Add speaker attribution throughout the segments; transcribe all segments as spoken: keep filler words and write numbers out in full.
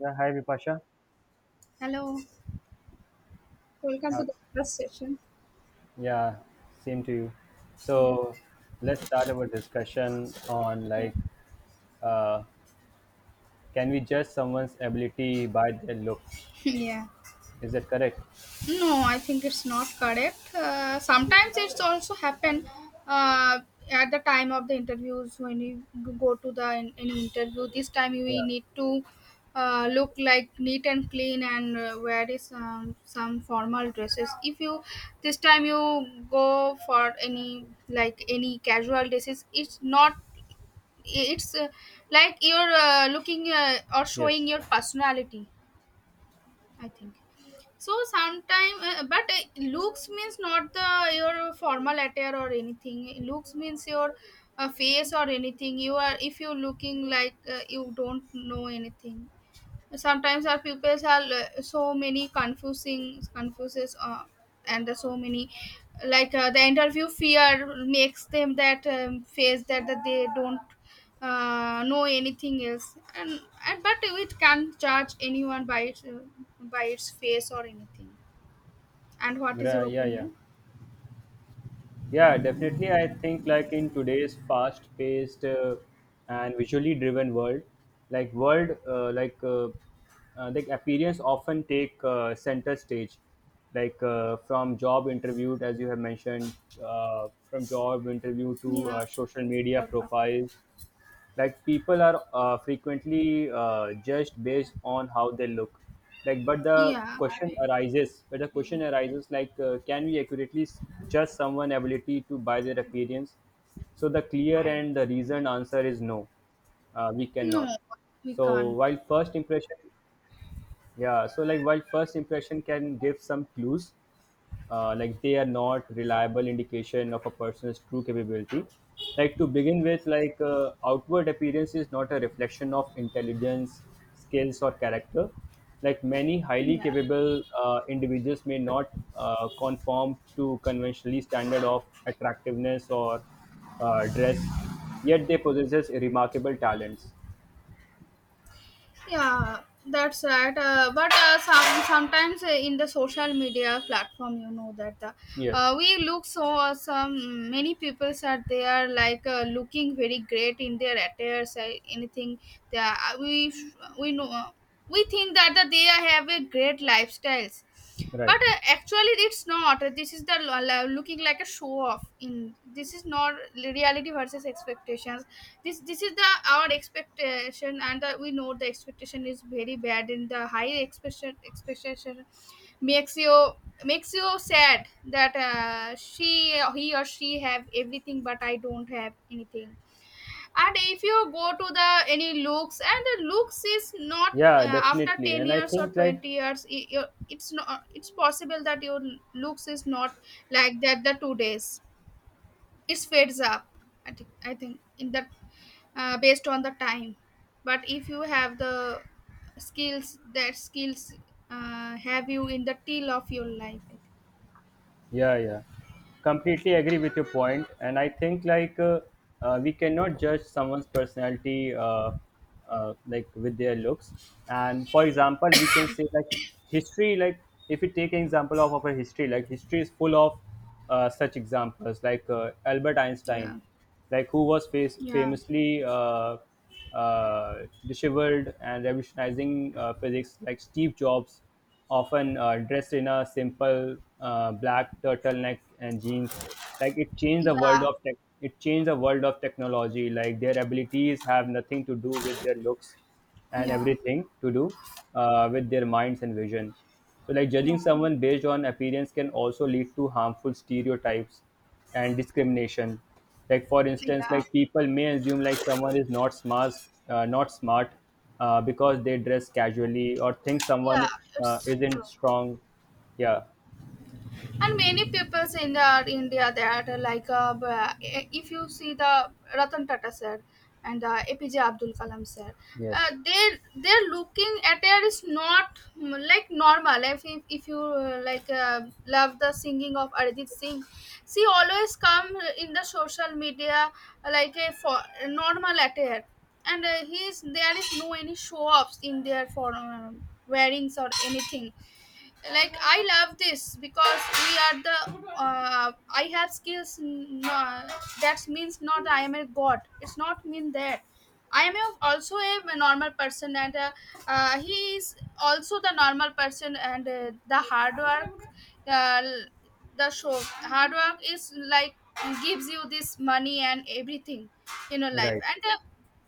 Speaker 1: Yeah, hi Vipasha.
Speaker 2: Hello. Welcome to
Speaker 1: Uh,
Speaker 2: the first session.
Speaker 1: yeah, same to you.
Speaker 2: Yeah.
Speaker 1: So let's start our discussion on
Speaker 2: Okay.
Speaker 1: like, uh, can we judge someone's ability by their looks?
Speaker 2: Yeah.
Speaker 1: Is that correct?
Speaker 2: No, I think it's not correct. Uh, sometimes it's also happen, uh, at the time of the interviews when you go to the an any interview. This time
Speaker 1: Yeah.
Speaker 2: we need to, uh, look like neat and clean, and uh, wear is, um, some formal dresses. If you this time you go for any like any casual dresses, it's not. It's, uh, like you're, uh, looking, uh, or showing
Speaker 1: Yes.
Speaker 2: your personality, I think. So sometime, uh, but uh, looks means not the your formal attire or anything. Looks means your, uh, face or anything. You are If you're looking like, uh, you don't know anything. Sometimes our pupils are, l- so many confusing confuses, uh, and there's so many, like, uh, the interview fear makes them that, um, face that, that they don't, uh, know anything else, and, and but we can't judge anyone by its, uh, by its face or anything. And what is
Speaker 1: Mira,
Speaker 2: your
Speaker 1: yeah, yeah.
Speaker 2: opinion?
Speaker 1: Yeah, definitely. I think like in today's fast-paced uh, and visually driven world, like world uh, like uh, uh, like appearance often take uh, center stage, like uh, from job interview as you have mentioned, uh, from job interview to
Speaker 2: Yeah,
Speaker 1: uh, social media profiles like people are uh, frequently uh, judged based on how they look like but the
Speaker 2: yeah.
Speaker 1: question arises but the question arises like uh, can we accurately s- judge someone ability to by their appearance. So the clear and the reasoned answer is no, uh, we
Speaker 2: No,
Speaker 1: cannot.
Speaker 2: we
Speaker 1: So
Speaker 2: can't.
Speaker 1: while first impression yeah, so like while first impression can give some clues, uh, like they are not reliable indication of a person's true capability. Like to begin with, like uh, outward appearance is not a reflection of intelligence, skills or character. Like many highly
Speaker 2: Yeah.
Speaker 1: capable uh, individuals may not uh, conform to conventionally standard of attractiveness or uh, dress, yet they possesses remarkable talents.
Speaker 2: Yeah, that's right. Uh, but uh, some sometimes, uh, in the social media platform, you know that the,
Speaker 1: Yes.
Speaker 2: uh, we look so awesome. Many people are there, like, uh, looking very great in their attires. Uh, anything that we we know, uh, we think that, that they have a great lifestyles. But
Speaker 1: Right.
Speaker 2: uh, actually it's not. This is the lo- lo- looking like a show off in. This is not reality versus expectations. This this is the our expectation, and uh, we know the expectation is very bad, and the high expectation expectation makes you makes you sad that, uh, she he or she have everything, but I don't have anything. And if you go to the any looks. And the looks is not,
Speaker 1: Yeah,
Speaker 2: uh, after
Speaker 1: definitely,
Speaker 2: 10
Speaker 1: and I
Speaker 2: years or
Speaker 1: think like.
Speaker 2: 20 years, i- i- it's not, it's possible that your looks is not like that. The two days it fades up. I think i think in that, uh, based on the time. But if you have the skills, that skills, uh, have you in the till of your life, I think.
Speaker 1: Yeah, yeah. Completely agree with your point, and I think like uh, uh, we cannot judge someone's personality uh, uh, like with their looks. And for example, we can say like history. Like if we take an example of our history, like history is full of uh, such examples, like uh, Albert
Speaker 2: Yeah,
Speaker 1: Einstein, like who was face-
Speaker 2: yeah,
Speaker 1: famously uh, uh, disheveled and revolutionizing uh, physics, like Steve Jobs, often uh, dressed in a simple uh, black turtleneck and jeans. Like it changed the world
Speaker 2: yeah,
Speaker 1: of tech. It changed the world of technology. Like their abilities have nothing to do with their looks and
Speaker 2: yeah,
Speaker 1: everything to do uh, with their minds and vision. So, like
Speaker 2: yeah,
Speaker 1: judging someone based on appearance can also lead to harmful stereotypes and discrimination. Like for instance,
Speaker 2: yeah,
Speaker 1: like people may assume like someone is not smart, uh, not smart, uh, because they dress casually or think
Speaker 2: yeah,
Speaker 1: someone uh,
Speaker 2: it's true.
Speaker 1: isn't strong. Yeah.
Speaker 2: And many peoples in the India that are like, uh, b- eh, if you see the Ratan Tata sir and the A P J Abdul Kalam sir, uh,
Speaker 1: Yes.
Speaker 2: they they're looking at it is not, mm, like normal. If if, if you, uh, like, uh, love the singing of Arjit Singh, she always come in the social media like a for normal attire, and uh, he is there is no any show offs in their for, um, wearings or anything. Like I love this because we are the, uh, I have skills, n- uh, that means not I am a god. It's not mean that I am, a- also a normal person, and uh, uh, he is also the normal person, and uh, the hard work uh, l- the show hard work is like gives you this money and everything in your life,
Speaker 1: Right.
Speaker 2: and uh,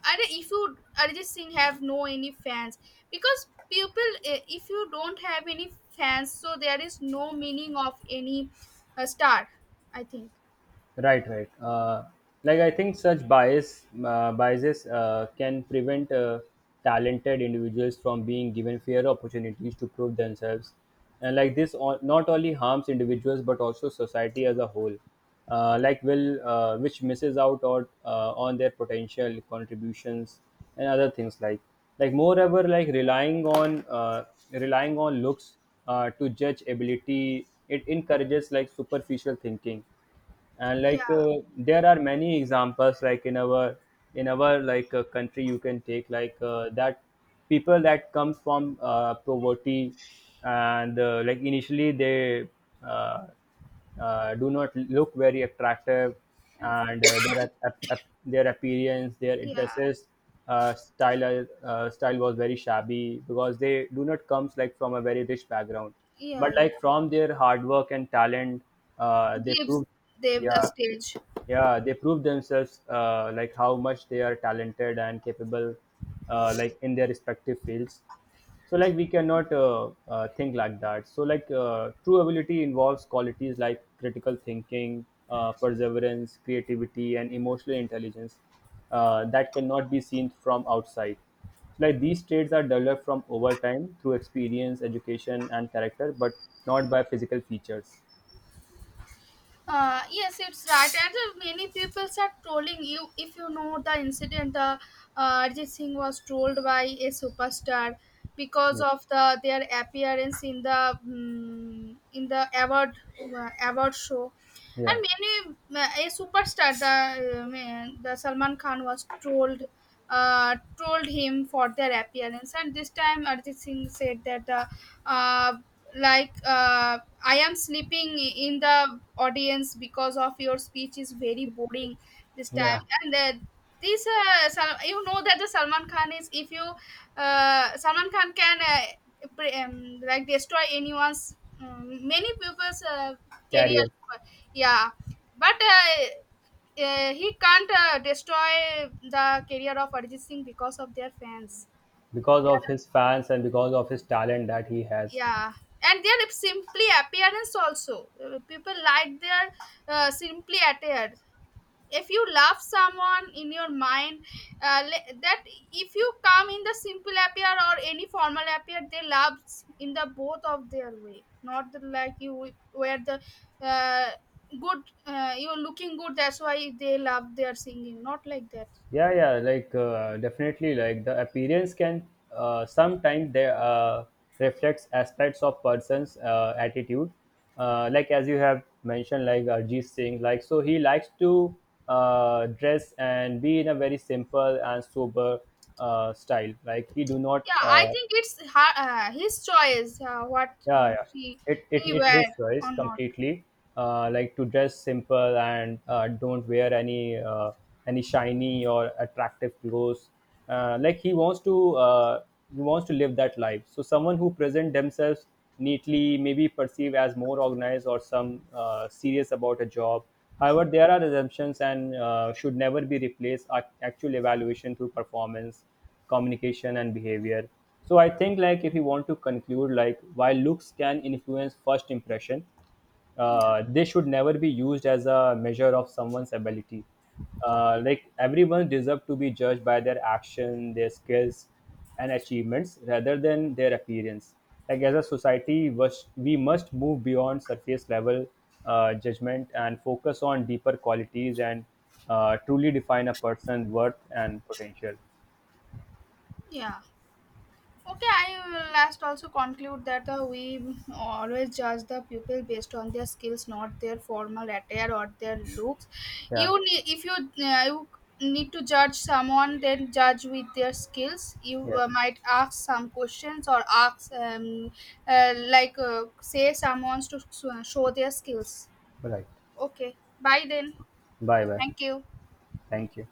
Speaker 2: are if you Arijit Singh have no any fans, because people, eh, if you don't have any fans, so there is no meaning of any, uh, star, I think.
Speaker 1: Right, right. Uh, like I think such bias uh, biases uh, can prevent uh, talented individuals from being given fair opportunities to prove themselves, and like this o- not only harms individuals but also society as a whole. Uh, like will uh, which misses out or uh, on their potential contributions and other things like. Like moreover, like relying on uh, relying on looks uh, to judge ability, it encourages like superficial thinking, and
Speaker 2: Yeah,
Speaker 1: like uh, there are many examples like in our in our like uh, country. You can take like uh, that people that comes from uh, poverty, and uh, like initially they uh, uh, do not look very attractive, and uh, their ap- ap- ap- their appearance, their
Speaker 2: yeah,
Speaker 1: dresses, uh, style are- uh, style was very shabby because they do not comes like from a very rich background,
Speaker 2: yeah,
Speaker 1: but
Speaker 2: yeah.
Speaker 1: like from their hard work and talent uh, they
Speaker 2: Gives
Speaker 1: proved.
Speaker 2: them the
Speaker 1: Yeah,
Speaker 2: stage.
Speaker 1: yeah, they prove themselves uh, like how much they are talented and capable, uh, like in their respective fields. So like we cannot uh, uh, think like that. So like uh, true ability involves qualities like critical thinking, uh, perseverance, creativity and emotional intelligence uh, that cannot be seen from outside. Like these traits are developed from over time through experience, education and character, but not by physical features.
Speaker 2: Uh, yes, it's right, and uh, many people start trolling you. If you know the incident, uh, uh, Arjit Singh was trolled by a superstar because
Speaker 1: Yes.
Speaker 2: of the their appearance in the mm in the award uh, award show.
Speaker 1: Yeah.
Speaker 2: And many, uh, a superstar the um, the Salman Khan was trolled uh, trolled him for their appearance. And this time Arjit Singh said that the uh, like, uh, I am sleeping in the audience because of your speech is very boring this time.
Speaker 1: Yeah.
Speaker 2: And uh, this, uh, Sal- you know that the Salman Khan is, if you, uh, Salman Khan can, uh, pre- um, like destroy anyone's um, many people's, uh, career.
Speaker 1: Career.
Speaker 2: Yeah, but uh, uh, he can't, uh, destroy the career of Arjit Singh because of their fans.
Speaker 1: Because of his fans and because of his talent that he has.
Speaker 2: Yeah. And their simply appearance also. Uh, people like their, uh, simply attire. If you love someone in your mind, uh, le- that if you come in the simple appear or any formal appear, they love in the both of their way. Not the, like you, wi- where the, uh, good, uh, you're looking good, that's why they love their singing. Not like that.
Speaker 1: Yeah, yeah, like uh, definitely like the appearance can uh, sometimes they uh, reflects aspects of person's uh, attitude, uh, like as you have mentioned, like Arjit Singh, like so he likes to uh, dress and be in a very simple and sober uh, style, like he do not
Speaker 2: Yeah, I
Speaker 1: uh,
Speaker 2: think it's her, uh, his choice, uh, what, uh,
Speaker 1: yeah, yeah,
Speaker 2: she
Speaker 1: it, it
Speaker 2: he
Speaker 1: it's
Speaker 2: wear
Speaker 1: his choice
Speaker 2: or not.
Speaker 1: completely. uh, like to dress simple and uh, don't wear any uh, any shiny or attractive clothes, uh, like he wants to uh, he wants to live that life. So someone who present themselves neatly may be perceived as more organized or some uh, serious about a job. However, there are assumptions and uh, should never be replaced ac- actual evaluation through performance, communication and behavior. So I think like if you want to conclude, like while looks can influence first impression,
Speaker 2: Yeah,
Speaker 1: uh, they should never be used as a measure of someone's ability. uh, like everyone deserves to be judged by their action, their skills and achievements rather than their appearance. Like as a society was- we must move beyond surface level uh, judgment and focus on deeper qualities and uh, truly define a person's worth and potential.
Speaker 2: yeah. Okay, I will last also conclude that uh, we always judge the pupil based on their skills, not their formal attire or their looks. You
Speaker 1: Yeah.
Speaker 2: need if you uh, you need to judge someone, then judge with their skills. You,
Speaker 1: Yes.
Speaker 2: uh, might ask some questions, or ask, um, uh, like, uh, say someone to, s- show their skills.
Speaker 1: Right.
Speaker 2: Okay, bye then.
Speaker 1: Bye bye.
Speaker 2: Thank you.
Speaker 1: Thank you.